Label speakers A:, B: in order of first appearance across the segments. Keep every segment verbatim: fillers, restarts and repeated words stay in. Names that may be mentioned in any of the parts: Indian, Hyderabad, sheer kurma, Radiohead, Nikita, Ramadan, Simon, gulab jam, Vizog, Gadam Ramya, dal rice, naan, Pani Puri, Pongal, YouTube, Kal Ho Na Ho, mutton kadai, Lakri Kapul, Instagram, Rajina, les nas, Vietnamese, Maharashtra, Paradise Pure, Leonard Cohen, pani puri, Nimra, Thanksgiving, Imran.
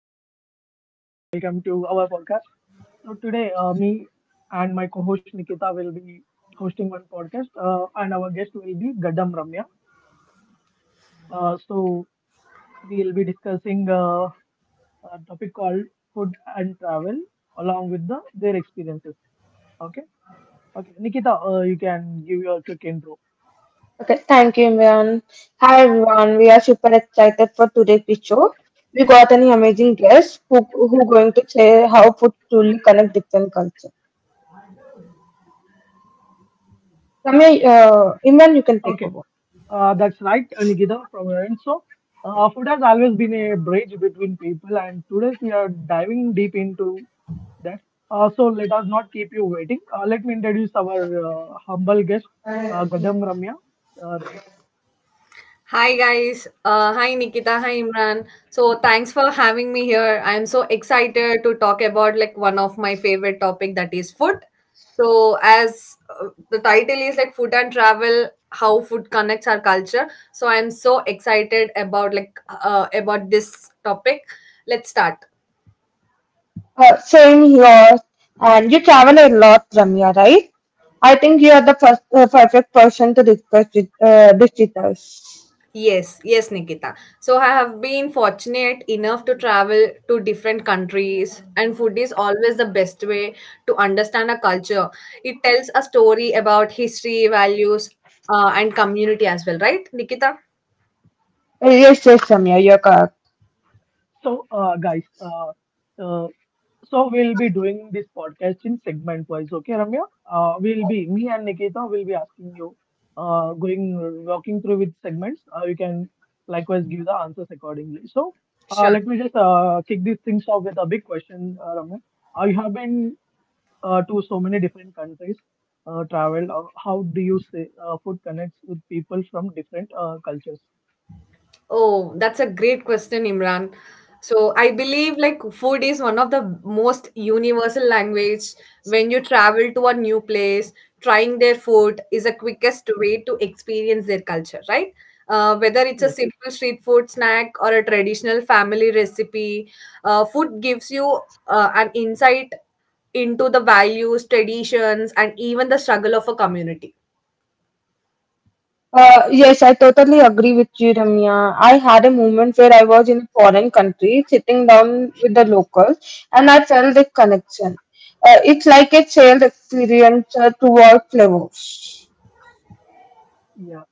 A: everyone. Uh, welcome to our podcast. So, today, uh, me and my co host Nikita will be hosting one podcast, uh, and our guest will be Gadam Ramya. Uh, so, we will be discussing uh, a topic called food and travel along with the their experiences. Okay. Okay. Nikita, uh, you can give your quick intro.
B: Okay, thank you, Imran. Hi, everyone. We are super excited for today's show. We got an amazing guest who who going to share how food truly connect different culture. Ramya, uh, Imran, you can take
A: Okay.
B: over.
A: Uh, that's right, uh, Nikita, from your end. So, uh, food has always been a bridge between people, and today we are diving deep into that. Uh, so let us not keep you waiting. Uh, let me introduce our uh, humble guest, uh, Gadam Ramya. Uh,
C: Hi guys, uh, hi Nikita, hi Imran. So thanks for having me here. I'm so excited to talk about like one of my favorite topic that is food. So as uh, the title is like food and travel, how food connects our culture. So I'm so excited about like uh, about this topic. Let's start.
B: Uh, same here. And you travel a lot, Ramya, right? I think you are the first, uh, perfect person to discuss with, uh, this with us.
C: Yes, yes, Nikita. So I have been fortunate enough to travel to different countries, and food is always the best way to understand a culture. It tells a story about history, values, uh, and community as well, right, Nikita?
B: Uh, Yes, yes, Ramya, you're
A: so, uh, guys, uh, uh, so we'll be doing this podcast in segment wise. Okay, Ramya? Uh, we'll be, me and Nikita will be asking you, uh, going, walking through with segments. Uh, you can likewise give the answers accordingly. So, uh,
C: Sure.
A: let me just uh, kick these things off with a big question, uh, Ramya. Uh, you have been uh, to so many different countries, uh, travel, uh, how do you say uh, food connects with people from different uh, cultures?
C: Oh, that's a great question, Imran. So I believe like food is one of the most universal language. When you travel to a new place, trying their food is the quickest way to experience their culture, right? Uh, whether it's a
A: Yes.
C: simple street food snack or a traditional family recipe, uh, food gives you uh, an insight into the values, traditions, and even the struggle of a community.
B: Uh, yes, I totally agree with you, Ramya. I had a moment where I was in a foreign country, sitting down with the locals, and I felt the connection. Uh, it's like a shared experience uh, toward flavors.
A: Yeah.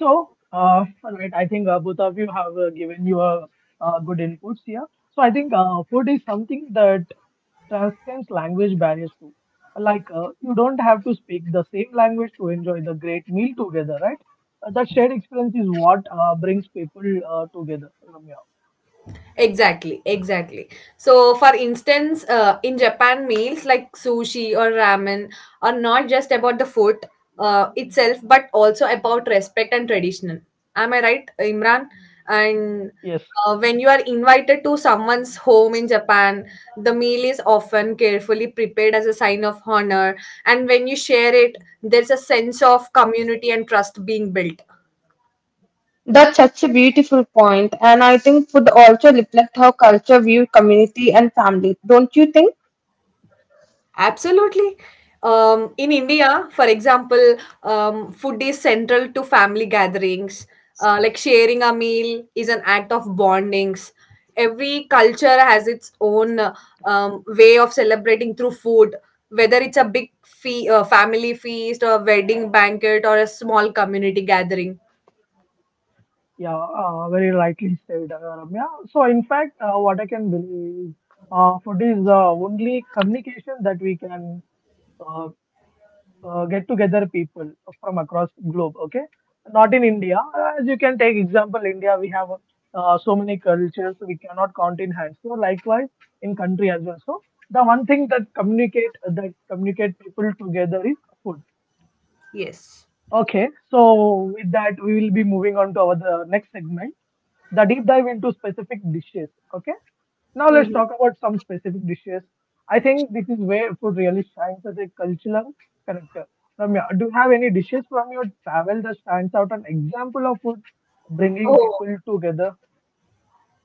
A: So, uh, all right, I think uh, both of you have uh, given you a, uh, good inputs here. So I think uh, food is something that transcends language barriers too. Like, uh, you don't have to speak the same language to enjoy the great meal together, right? uh, that shared experience is what uh, brings people uh, together, Ramya.
C: Exactly, exactly. So, for instance, uh, in Japan, meals like sushi or ramen are not just about the food uh, itself, but also about respect and tradition. Am I right, Imran? And
A: Yes.
C: uh, when you are invited to someone's home in Japan, the meal is often carefully prepared as a sign of honor. And when you share it, there's a sense of community and trust being built.
B: That's such a beautiful point, and I think food also reflect how culture view community and family. Don't you think?
C: Absolutely. Um, in India, for example, um, food is central to family gatherings. Uh, like sharing a meal is an act of bondings. Every culture has its own uh, um, way of celebrating through food, whether it's a big fe- uh, family feast, or a wedding banquet, or a small community gathering.
A: Yeah, uh, very rightly said, uh, Ramya. So, in fact, uh, what I can believe is uh, food is the only communication that we can uh, uh, get together people from across globe. Okay, not in India. As you can take example, India we have uh, so many cultures we cannot count in hands. So, likewise in country as well. So, the one thing that communicate that communicate people together is food.
C: Yes.
A: Okay, so with that we will be moving on to our the next segment, the deep dive into specific dishes. Okay, now let's
C: Mhm.
A: talk about some specific dishes. I think this is where food really shines as a cultural connector. Ramya, do you have any dishes from your travel that stands out? An example of food bringing
C: Oh,
A: people together.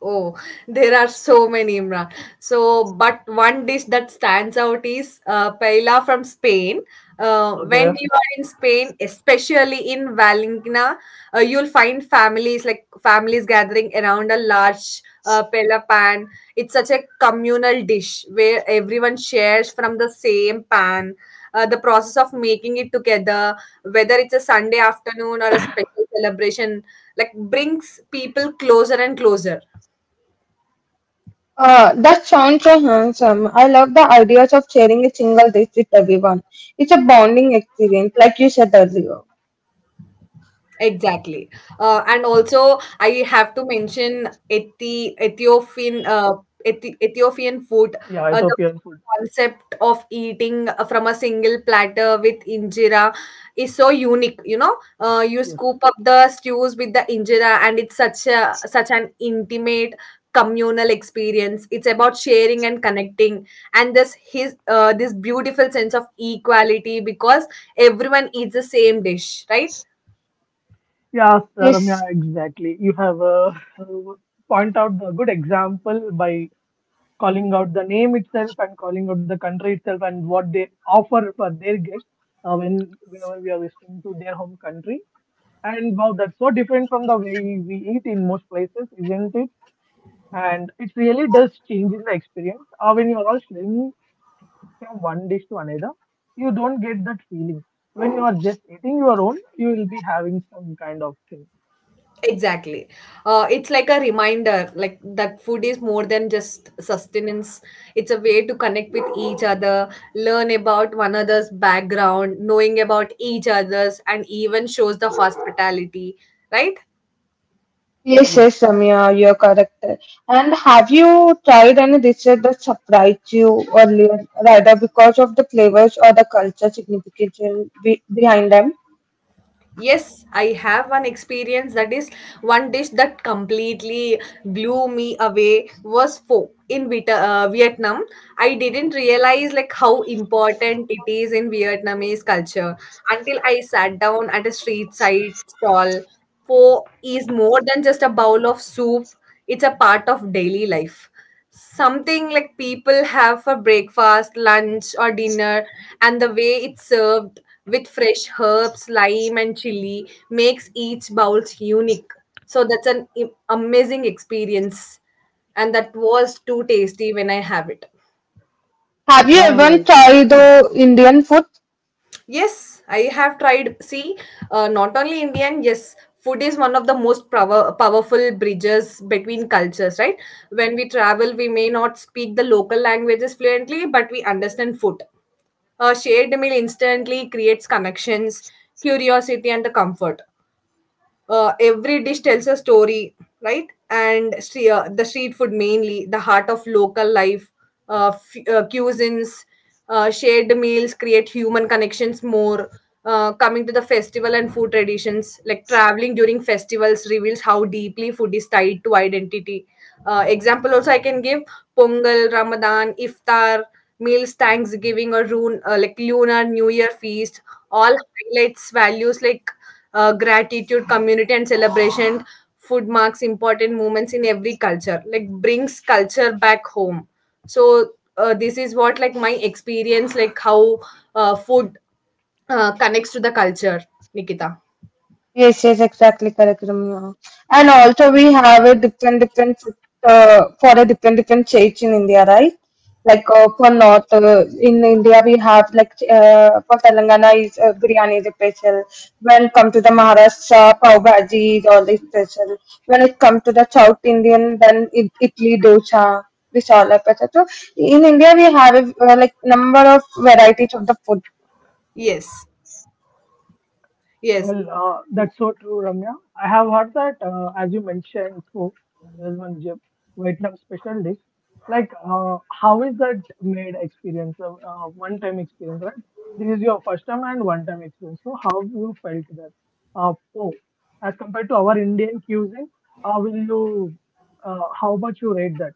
C: Oh, there are so many, Imran. So, but one dish that stands out is uh, paella from Spain. Uh, when
A: Okay,
C: you are in Spain, especially in Valencia, uh, you'll find families like families gathering around a large uh, paella pan. It's such a communal dish where everyone shares from the same pan. Uh, the process of making it together, whether it's a Sunday afternoon or a special celebration, like brings people closer and closer.
B: Uh, that sounds so handsome. I love the ideas of sharing a single dish with everyone. It's a bonding experience, like you said earlier.
C: Exactly. Uh, and also, I have to mention Ethi- Ethiopian uh, Ethi- Ethiopian food.
A: yeah,
C: Uh, the
A: Ethiopian food.
C: concept of eating from a single platter with injera is so unique. You know, uh, you
A: Yes.
C: scoop up the stews with the injera, and it's such a such an intimate communal experience. It's about sharing and connecting, and this his uh, this beautiful sense of equality because everyone eats the same dish, right?
A: Yeah,
B: Yes,
A: Ramya, exactly. You have uh, point out the good example by calling out the name itself and calling out the country itself and what they offer for their guests uh, when whenever we are visiting to their home country. And wow, that's so different from the way we eat in most places, isn't it? And it really does change in the experience. Uh, when you are all sharing from one dish to another, you don't get that feeling. When you are just eating your own, you will be having some kind of thing.
C: Exactly. Uh, it's like a reminder, like that food is more than just sustenance. It's a way to connect with each other, learn about one another's background, knowing about each other's, and even shows the hospitality, right?
B: yes, yes,
A: Yes.
B: Samya, you're correct. And have you tried any dishes that surprised you earlier, rather because of the flavors or the culture significance be behind them?
C: Yes, I have one experience that is one dish that completely blew me away was pho in Vita, uh, Vietnam. I didn't
A: Okay.
C: realize like how important it is in Vietnamese culture until I sat down at a street side stall. Pho is more than just a bowl of soup; it's a part of daily life, something like people have for breakfast, lunch, or dinner, and the way it's served with fresh herbs, lime, and chili makes each bowl unique. So that's an i- amazing experience, and that was too tasty when I have it.
B: Have you even
A: Well,
B: tried the Indian food?
C: Yes, I have tried. See, uh, not only Indian, yes, food is one of the most power, powerful bridges between cultures, right? When we travel, we may not speak the local languages fluently, but we understand food. A shared meal instantly creates connections, curiosity, and the comfort. Uh, every dish tells a story, right? And stre- uh, the street food mainly, the heart of local life, uh, f- uh, cuisines, uh, shared meals create human connections more. Uh, coming to the festival and food traditions, like traveling during festivals reveals how deeply food is tied to identity. Uh, example also I can give Pongal, Ramadan, Iftar, meals, Thanksgiving or Rune, uh, like Lunar New Year feast, all highlights values like uh, gratitude, community, and celebration. Food marks important moments in every culture, like brings culture back home. So uh, this is what like my experience, like how uh, food uh, connects to the culture, Nikita.
B: Yes, yes, exactly correct, Ramya. And also we have a different different uh, for a different different states in India, right?
C: Yeah.
B: Like uh, for north uh, in India we have like uh, for Telangana is uh, biryani is special. When it comes to the Maharashtra, pav bhaji is always special. When it comes to the South Indian, then it, idli dosa. This all are special. So in India we have a, uh, like number of varieties of the food.
C: Yes, yes.
A: Well, uh, that's so true, Ramya. I have heard that, uh, as you mentioned, too, there's one Jap- Vietnam special dish. Like, uh, how is that made experience, uh, uh, one-time experience, right? This is your first time and one-time experience. So, how you felt that? Uh, oh, as compared to our Indian cuisine, how will you, uh, how much you rate that?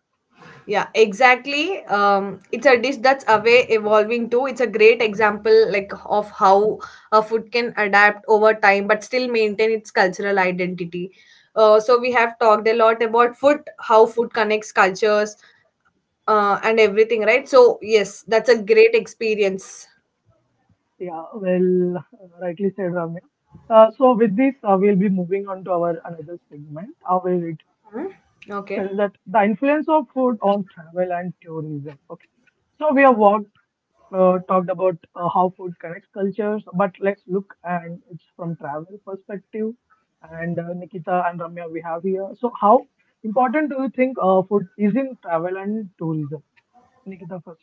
C: Yeah, exactly. Um, it's a dish that's away evolving too. It's a great example like of how a food can adapt over time but still maintain its cultural identity. Uh, so we have talked a lot about food, how food connects cultures, uh, and everything, right? So yes, that's a great experience.
A: Yeah, well, uh, rightly said, Ramya. Uh, so, with this, uh, we'll be moving on to our another segment. How will it
C: Okay.
A: tells that the influence of food on travel and tourism. Okay, so we have walked, uh, talked about uh, how food connects cultures, but let's look and it's from travel perspective. And uh, Nikita and Ramya, we have here. So, how important do you think uh, food is in travel and tourism? Nikita first.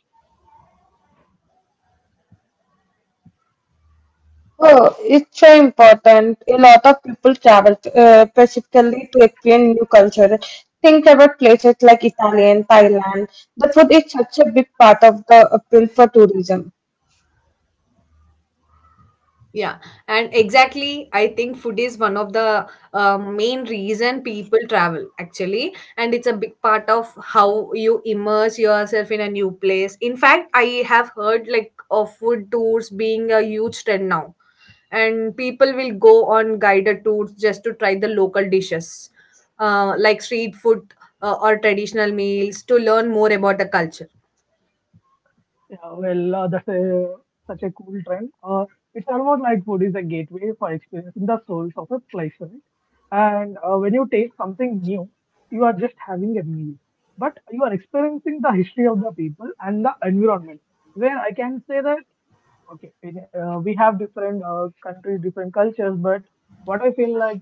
B: Oh, it's so important. A lot of people travel uh, specifically to experience new culture. Think about places like Italy and Thailand. The food is such a big part of the appeal for tourism.
C: Yeah, and exactly, I think food is one of the uh, main reason people travel actually, and it's a big part of how you immerse yourself in a new place. In fact, I have heard like of food tours being a huge trend now, and people will go on guided tours just to try the local dishes, uh, like street food uh, or traditional meals to learn more about the culture.
A: Yeah, well, uh, that's a, such a cool trend. Uh, it's almost like food is a gateway for experiencing the souls of a place, right? And uh, when you taste something new, you are just having a meal, but you are experiencing the history of the people and the environment. Where I can say that, okay, in, uh, we have different uh, countries, different cultures, but what I feel like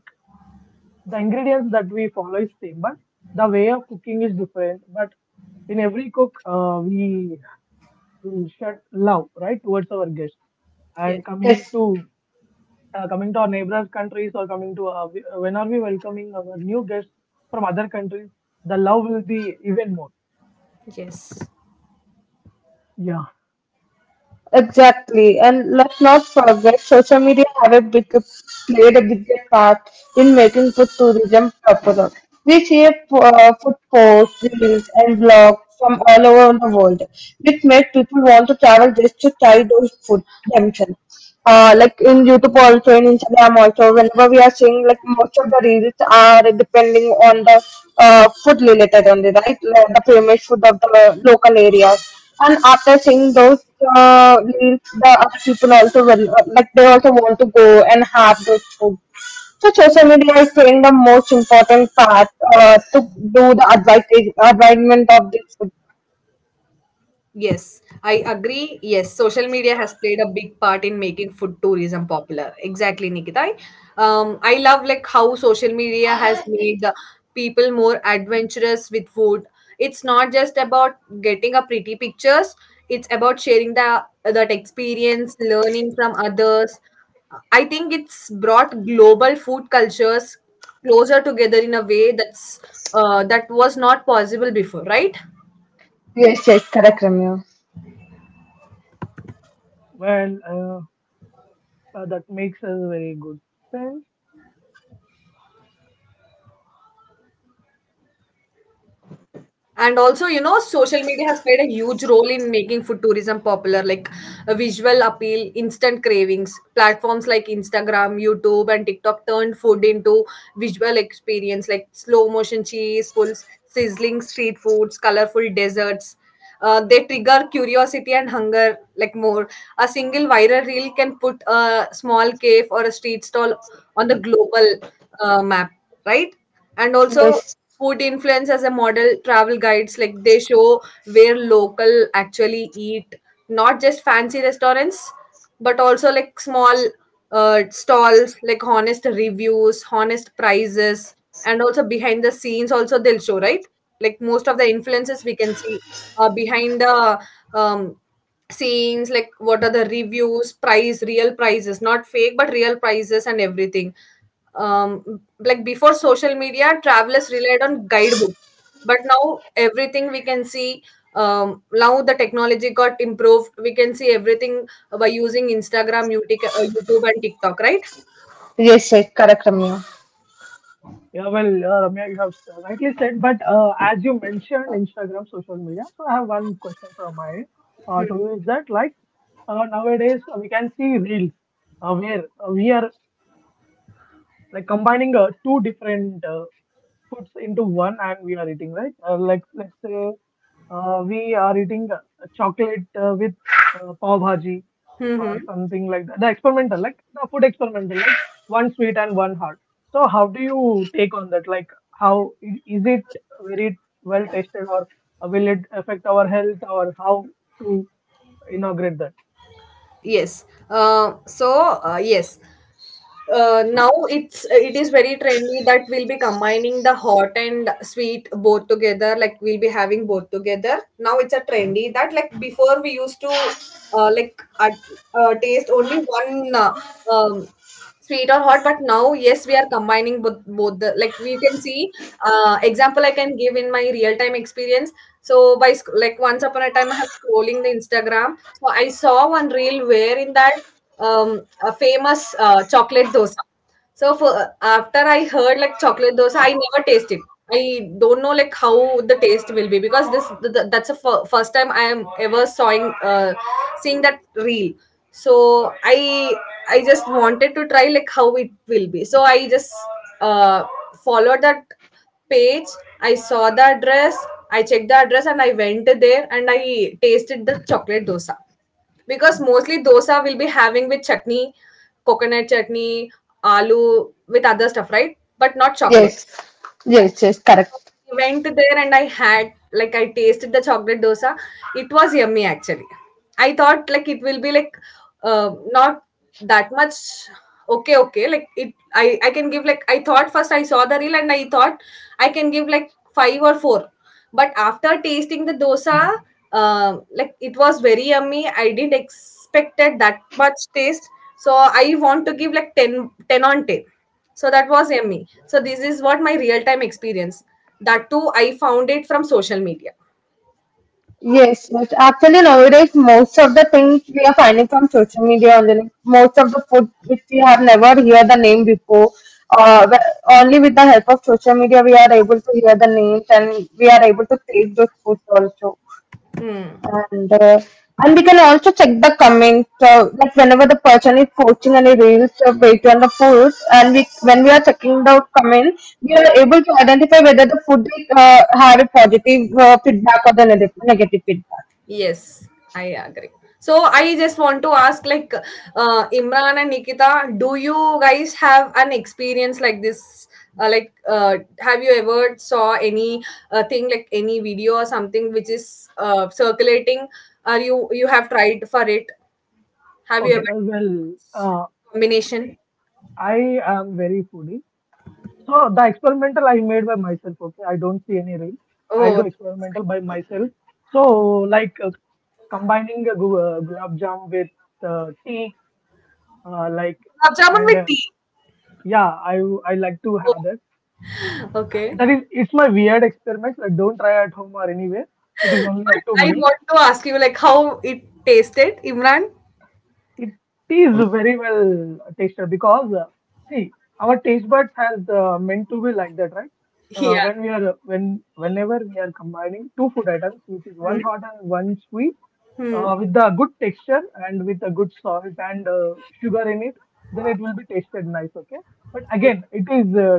A: the ingredients that we follow is same, but the way of cooking is different. But in every cook, uh, we we will shed love right towards our guests
C: Yes.
A: and coming
B: Yes,
A: to uh, coming to our neighbors countries or coming to uh, we- when are we welcoming our new guests from other countries, the love will be even more.
C: Yes.
A: Yeah.
B: exactly. And let's not forget, social media have a big played a big part in making food tourism popular. We see uh, food posts, reels, and blogs from all over the world, which make people want to travel just to try those food themselves. Uh, like in YouTube also, in Instagram also, whenever we are seeing like most of the reels are depending on the uh, food related only, right? Like the famous food of the local areas. And after seeing those uh, reels, the other people also will uh, like they also want to go and have those food. So social media is playing the most important part uh, to do the advertis- advertisement of this food.
C: Yes, I agree. Yes, social media has played a big part in making food tourism popular. Exactly, Nikita. I, um, I love like how social media has made uh, people more adventurous with food. It's not just about getting a pretty pictures. It's about sharing the that experience, learning from others. I think it's brought global food cultures closer together in a way that's uh, that was not possible before, right?
B: Yes, yes, correct, Ramya.
A: Well, uh, uh, that makes a very good sense.
C: And also, you know, social media has played a huge role in making food tourism popular, like a visual appeal, instant cravings. Platforms like Instagram, YouTube, and TikTok turned food into visual experience, like slow motion cheese pulls, sizzling street foods, colorful desserts. Uh, they trigger curiosity and hunger, like more. A single viral reel can put a small cave or a street stall on the global uh, map, right? And also,
B: Yes,
C: food influencers and model travel guides, like they show where local actually eat, not just fancy restaurants but also like small uh, stalls, like honest reviews, honest prices, and also behind the scenes also they'll show, right? Like most of the influences we can see uh, behind the um, scenes, like what are the reviews price real prices, not fake but real prices and everything. Um, like before social media travelers relied on guidebooks, but now everything we can see. Um, now the technology got improved, we can see everything by using Instagram, Utic- uh, YouTube and TikTok, right?
B: yes, yes, correct, Ramya.
A: Yeah, well, uh, Ramya, you have rightly said, but uh, as you mentioned Instagram, social media. So I have one question from my end, uh, to you is that like, uh, nowadays uh, we can see reels uh, where uh, we are like combining uh, two different uh, foods into one and we are eating, right? uh, like let's say uh, we are eating uh, chocolate uh, with uh, pav bhaji or
C: Mm-hmm.
A: something like that, the experimental, like the food experimental, like one sweet and one hard. So how do you take on that? Like, how, i- is it very well tasted, or uh, will it affect our health, or how to inaugurate that?
C: yes uh, so uh, yes, uh, now it's it is very trendy that we'll be combining the hot and sweet both together, like we'll be having both together. Now it's a trendy that, like before we used to uh, like uh, uh, taste only one uh, um, sweet or hot, but now yes we are combining both, both the, like we can see. Uh, example I can give in my real time experience. So by sc- like once upon a time I have scrolling the Instagram, so I saw one reel where in that um, a famous uh, chocolate dosa. So for uh, after I heard like chocolate dosa, I never taste it. I don't know like how the taste will be because this th- th- that's the f- first time I am ever sawing uh, seeing that reel. So I I just wanted to try like how it will be. So I just uh, followed that page. I saw the address. I checked the address and I went there and I tasted the chocolate dosa. Because mostly dosa will be having with chutney, coconut chutney, aloo with other stuff, right? But not chocolate.
B: Yes,
C: Yeah.
B: yes, yes, correct.
C: I went there and I had like I tasted the chocolate dosa. It was yummy actually. I thought like it will be like uh, not that much okay okay, like it I I can give, like I thought first I saw the reel and I thought I can give like five or four, but after tasting the dosa, um like it was very yummy. I didn't expected that much taste, so I want to give like ten, ten on ten. So that was yummy. So this is what my real time experience that too, I found it from social media.
B: Yes, yes. Actually, nowadays, most of the things we are finding from social media only. Like most of the food which we have never heard the name before. Uh, but only with the help of social media, we are able to hear the names and we are able to taste those foods also.
C: Hmm.
B: And uh, and we can also check the comments, so like whenever the person is posting any reels or based on the food, and we when we are checking the comment, we are able to identify whether the food uh, have a positive uh, feedback or the negative negative feedback.
C: Yes, I agree. So I just want to ask, like, uh, Imran and Nikita, do you guys have an experience like this? Uh, like, uh, have you ever saw any uh, thing like any video or something which is uh, circulating? Or you you have tried for it? Have you
A: Okay,
C: ever
A: uh, well, uh, see,
C: combination?
A: I am very foodie. So the experimental I made by myself. Okay, I don't see any reels. I'll do
C: Oh,
A: experimental by myself. So, like, uh, combining a gu- uh, gulab jam with uh, tea, uh, like,
C: gulab jamun
A: and uh,
C: with tea.
A: yeah, I I like to have
C: Oh,
A: that. Uh,
C: okay.
A: That is it's my weird experiments. Like, don't try at home or anywhere. It is only
C: But
A: up to
C: I
A: me.
C: want to ask you, like, how it tasted, Imran?
A: It is very well tasted because, uh, see, our taste buds has uh, meant to be like that, right? Uh,
C: Yeah.
A: when we are when whenever we are combining two food items, which is
C: Hmm.
A: one hot and one sweet,
C: Hmm.
A: uh, with a good texture and with a good salt and uh, sugar in it, then it will be tasted nice. Okay, but again, it is, uh,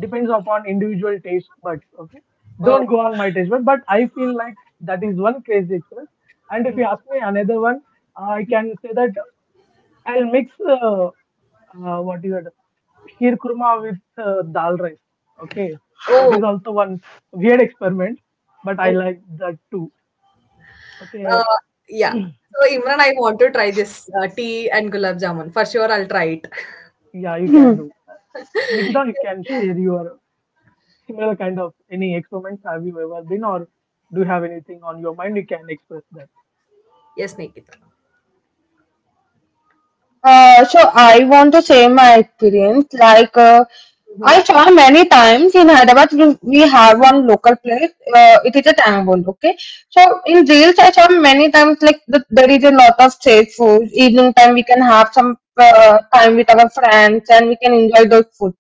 A: depends upon individual taste buds. Okay,
C: Oh.
A: don't go on my taste bud, but I feel like that is one crazy express. And if you ask me another one, I can say that I'll mix uh, uh, what you, sheer kurma with uh, dal rice. Okay, that is
C: Oh.
A: also one weird experiment, but I
C: Oh.
A: like that too.
C: Uh,
A: Okay,
C: yeah. So Imran, I want to try this uh, tea and gulab jamun. For sure, I'll try it.
A: yeah, you can do. Nikita, you can share your similar kind of any experiments. Have you ever been, or do you have anything on your mind? You can express that.
C: Yes, Nikita.
B: Uh, so I want to say my experience. Like uh,
C: Hmm.
B: I saw many times in Hyderabad, we, we have one local place. Uh, it is a tangon. Okay, so in reels I saw many times like the, there is a lot of street food. Evening time we can have some uh, time with our friends and we can enjoy those food.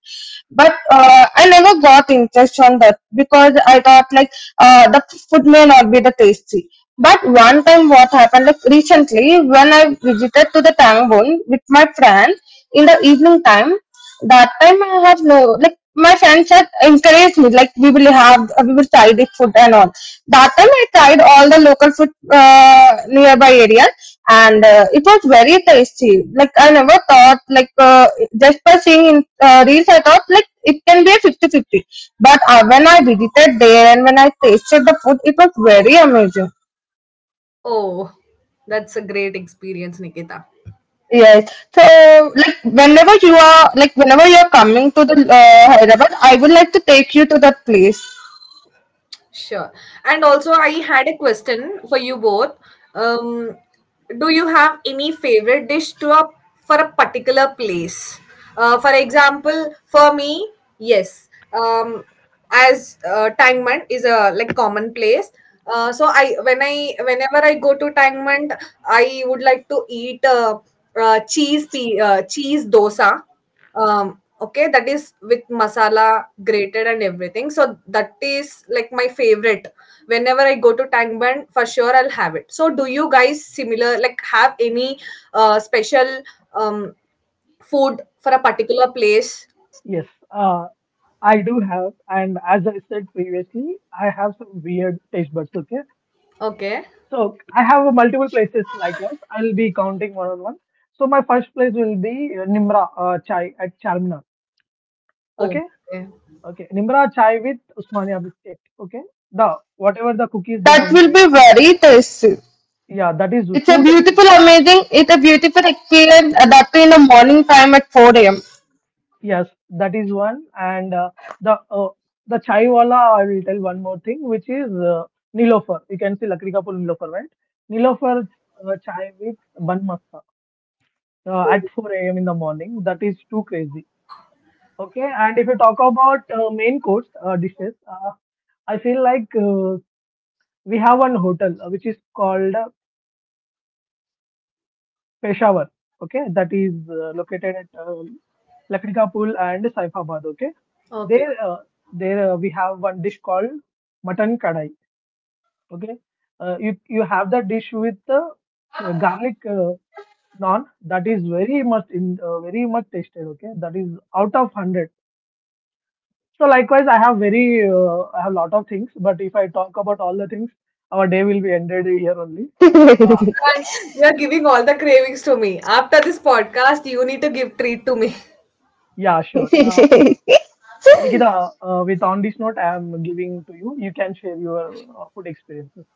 B: But uh, I never got interest on that because I thought like uh, the food may not be the tasty, but one time what happened, like recently, when I visited to the Tangbun with my friends in the evening time, that time I have no, like my friends had encouraged me, like we will have, we will try this food and all. That time I tried all the local food uh, nearby area, and uh, it was very tasty. Like I never thought, like uh, just by seeing in uh, reels, I thought like it can be a 50 fifty. But uh, when I visited there and when I tasted the food, it was very amazing.
C: Oh, that's a great experience, Nikita.
B: Yes. So, like, whenever you are, like, whenever you are coming to the uh, Hyderabad, I would like to take you to that place.
C: Sure. And also, I had a question for you both. Um, do you have any favorite dish to a for a particular place? Uh, for example, for me, yes. Um, as uh, Tangmand is a like common place. Uh, so I when I whenever I go to Tangmand, I would like to eat uh, uh, cheese pe- uh, cheese dosa. Um, Okay, that is with masala grated and everything. So that is like my favorite. Whenever I go to Tang Band, for sure I'll have it. So do you guys similar like have any uh, special um, food for a particular place?
A: Yes, uh, I do have, and as I said previously, I have some weird taste buds. Okay,
C: Okay.
A: so I have a multiple places likewise. I'll be counting one on one. So my first place will be uh, Nimra uh, Chai at Charminar.
C: Oh,
A: Okay,
C: okay.
A: okay. Nimra Chai with Usmania biscuit. Okay, the whatever the cookies they have
B: That will
A: made
B: be
A: with.
B: very tasty.
A: Yeah, that is
B: It's a
A: too tasty.
B: beautiful, amazing. It's a beautiful experience. uh, That too in the morning time at four a m
A: Yes, that is one. And uh, the uh, the chai wala, I will tell one more thing, which is uh, Nilofer. You can see Lakri Kapul Nilofer, right? Nilofer uh, chai with bun masta uh,
C: Oh,
A: at four a m in the morning. That is too crazy. Okay, and if you talk about uh, main course uh, dishes, uh, I feel like uh, we have one hotel uh, which is called uh, Peshawar. Okay, that is uh, located at uh, Lakatkapul and Saifabad. Okay,
C: okay.
A: there, uh, there uh, we have one dish called mutton kadai. Okay, uh, you you have that dish with uh, uh, garlic uh, naan, that is very much in uh, very much tasted. Okay, that is out of hundred. So likewise, I have very uh, I have lot of things, but if I talk about all the things, our day will be ended here only. Uh,
C: And you are giving all the cravings to me. After this podcast, you need to give treat to me.
A: yeah, sure. Uh, Nik- Nikita, uh, with on this note, I am giving to you. You can share your uh, food experiences.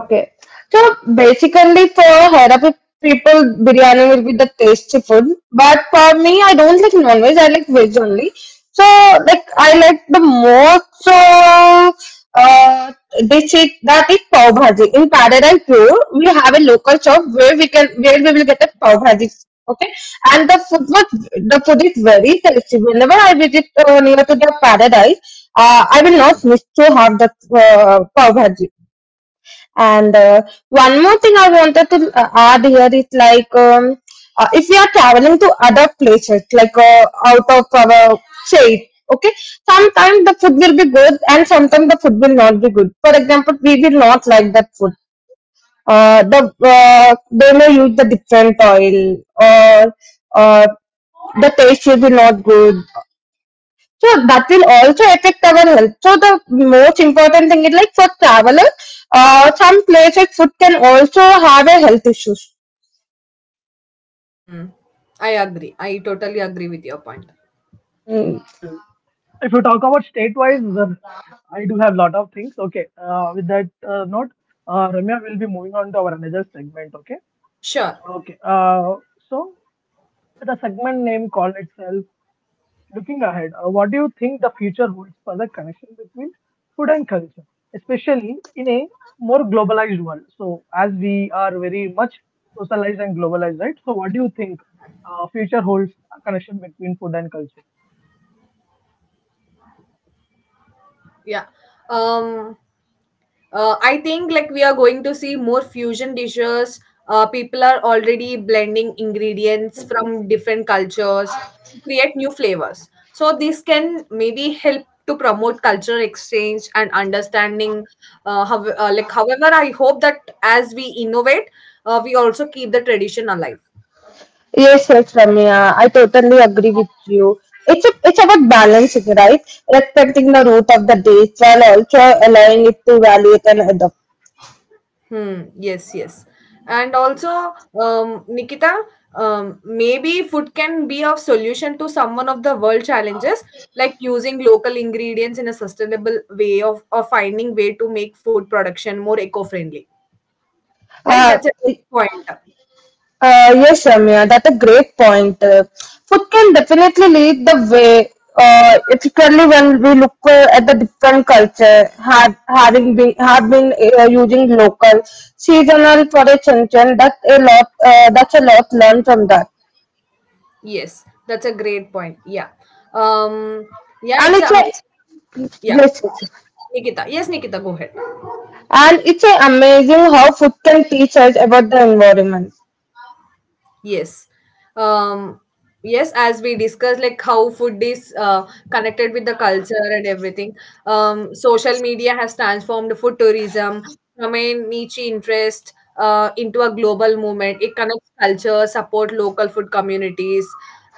B: Okay. So basically for Hyderabad people, biryani will be the tasty food. But for me, I don't like non-veg, I like veg only. So like I like the most uh, uh, dish is, that is pav bhaji. In Paradise Pure, we have a local shop where we can where we will get a pav bhaji. Okay, and the food was the food is very tasty. Whenever I visit uh, near to the paradise, uh, I will not miss to have the uh, pav bhaji. And uh, one more thing I wanted to uh, add here is like um, uh, if we are traveling to other places, like uh, out of our state, okay, sometimes the food will be good and sometimes the food will not be good. For example, we will not like that food. Uh, the uh, they may use the different oil or uh, the taste will be not good, so that will also affect our health. So the most important thing is like for travelers, uh, some places food can also have a health issues.
C: Hmm. I agree. I totally agree with your point.
B: Mm.
A: Well, if you talk about state-wise, uh, I do have lot of things. Okay. Uh, with that uh, note, uh, Ramya will be moving on to our another segment. Okay.
C: Sure.
A: Okay. Uh, so the segment
C: Yeah. Um uh, i think like we are going to see more fusion dishes. Uh, people are already blending ingredients from different cultures to create new flavors, so this can maybe help to promote cultural exchange and understanding. Uh, how, uh, like however, I hope that as we innovate, uh, we also keep the tradition alive.
B: Yes, yes, Ramya. I totally agree with you. It's a, it's about balancing, right? Respecting the root of the date while also allowing it to evaluate and adopt.
C: Hmm. Yes, yes. And also, um, Nikita, um, maybe food can be of solution to some one of the world challenges, like using local ingredients in a sustainable way of or finding way to make food production more eco-friendly. Right?
B: Uh,
C: That's a good point.
B: Uh, yes, Samya, that's a great point. Uh, food can definitely lead the way, uh, particularly when we look uh, at the different culture, have, having been have been uh, using local seasonal for a change. That's a lot. Uh, that's a lot learned from that,
C: Yes, that's a great point. Yeah. Um, yeah,
B: and
C: it's
B: it's a
C: a
B: yes,
C: yeah.
B: yes, yes,
C: Nikita. Yes, Nikita, go ahead.
B: and it's a amazing how food can teach us about the environment.
C: Yes. Um, yes, as we discussed, like how food is uh, connected with the culture and everything. Um, social media has transformed food tourism from a niche interest uh, into a global movement. It connects culture, support local food communities,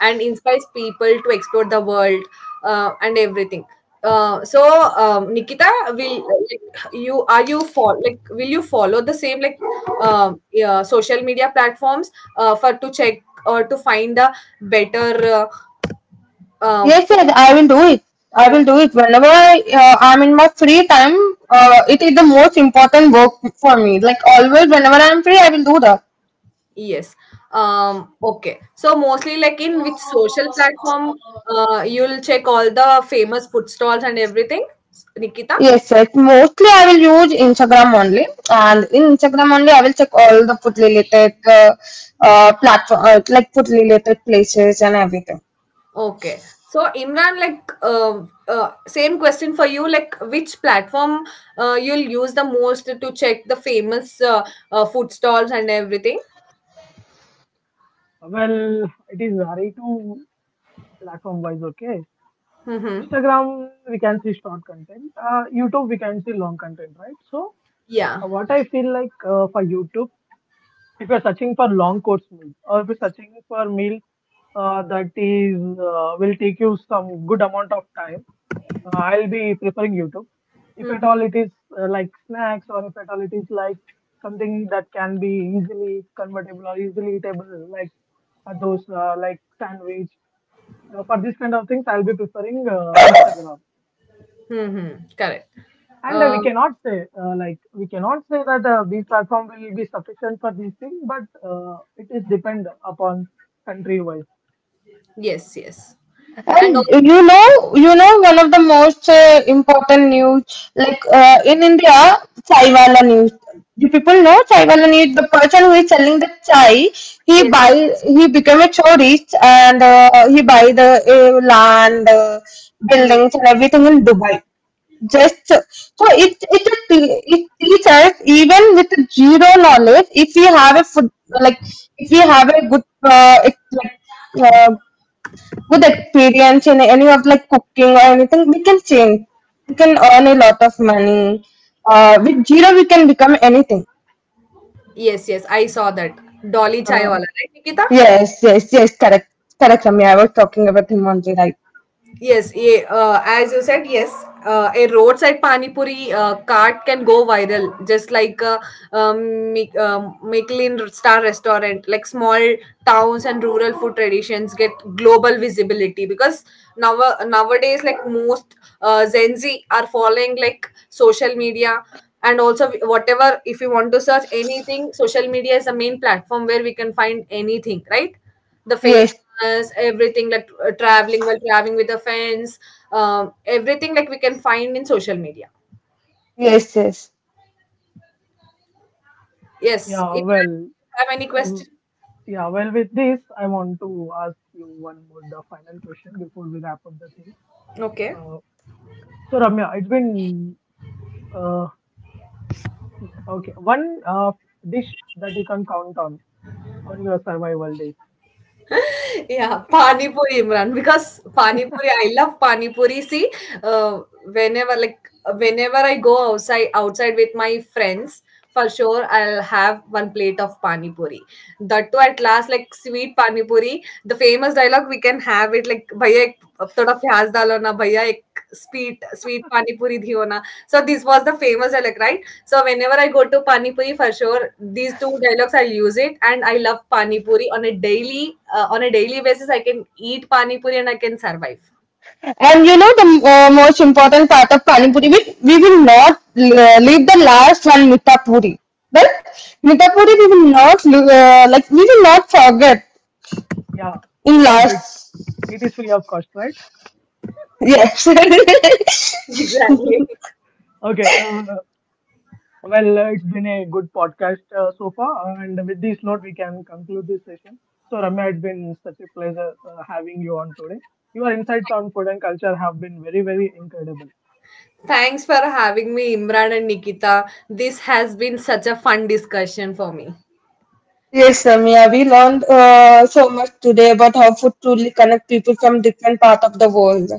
C: and inspires people to explore the world uh, and everything. Uh, so um, Nikita, will like, you are you for like will you follow the same like um, yeah, social media platforms uh, for to check or to find a better uh, uh,
B: Yes,
C: food?
B: yes, I will do it.
C: I
B: I will
C: think
B: do it whenever I, uh, I'm in my free time. Uh, it is the most important work for me. Like always, whenever I'm free, I will do that.
C: yes. Um, okay. So mostly like in which social platform uh, you'll check all the famous food stalls and everything, Nikita?
B: Yes, yes. Mostly, I will use Instagram only, and in Instagram only, I will check all the food related uh, uh, platform, uh, like food related places and everything.
C: Okay. So Imran, like, uh, uh, same question for you. Like, which platform uh, you'll use the most to check the famous uh, uh, food stalls and everything? Mm-hmm. Yeah. Mm-hmm. Mm-hmm. Correct. Uh, yes. Yes. And
B: And
C: also,
B: you know, you know, one of the most uh, important news, like uh, in India, chai wala news. Do people know chai wala news? The person who is selling the chai, he
C: yes.
B: buy, he became a so rich, and uh, he buy the uh, land, uh,
C: Hmm.
B: buildings, and everything in Dubai. Just so it it it teaches even with zero knowledge. If we have a food, like if we have a good uh, ex- like uh, good experience in any of like cooking or anything, we can change. We can earn a lot of money. Uh, with zero, we can become anything.
C: Yes. Yes. I saw that Dolly Chai
B: Uh,
C: wala, right, Nikita?
B: yes, yes, yes, correct, correct, Ramya. I was talking about him only, right?
C: Yes, yeah, uh, as you said, yes, uh, a roadside pani puri uh, cart can go viral, just like a um, Mi- um, Michelin star restaurant. Like small towns and rural food traditions get global visibility because now nowadays, like most uh, Gen Z are following like social media, and also whatever. If you want to search anything, social media is the main platform where we can find anything, right? The
B: Yes,
C: famous everything like uh, traveling while traveling with the friends, um, everything like we can find in social media,
B: yes, yes.
C: yes. If you have any question, okay, yeah, pani puri, Imran, because pani puri I love pani puri, see, uh, whenever like whenever I go outside outside with my friends, for sure I'll have one plate of pani puri. That too at last, like sweet pani puri, the famous dialogue we can have. Like, boy, a tadka, egg, dal, or na, boy, a sweet, sweet pani puri, diho na. So this was the famous dialogue, right? So whenever I go to pani puri for sure, these two dialogues I use it, and I love pani puri on a daily, uh, on a daily basis. I can eat pani puri, and I can survive.
B: And you know the uh, most important part of Pani Puri, we, we will not uh, leave the last one, Mita Puri. But Mita Puri, we will not lo- uh, like we will not forget in last. Yes.
C: Exactly. Thanks for having me, Imran and Nikita. This has been such a fun discussion for me.
B: Yes, Samia, we learned uh, so much today about how food truly connects people from different parts of the world.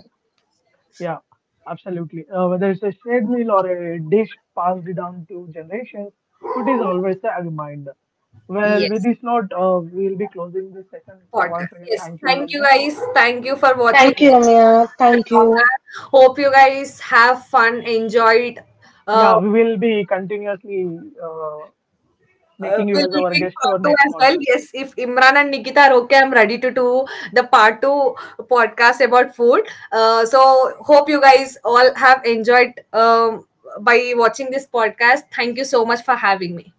C: Yes. Podcast. Yes, thank you guys. Thank you for watching
B: Thank you,
C: this
B: Ramya.
C: podcast for
B: Thank
C: long
B: you.
C: hour. Hope you guys have fun, enjoyed. Uh, uh, we'll be doing part two as well. Yes, if Imran and Nikita are okay, I'm ready to do the part two podcast about food. Uh, so hope you guys all have enjoyed um, by watching this podcast. Thank you so much for having me.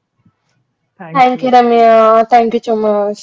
B: Thank you, Ramya. Thank you so much.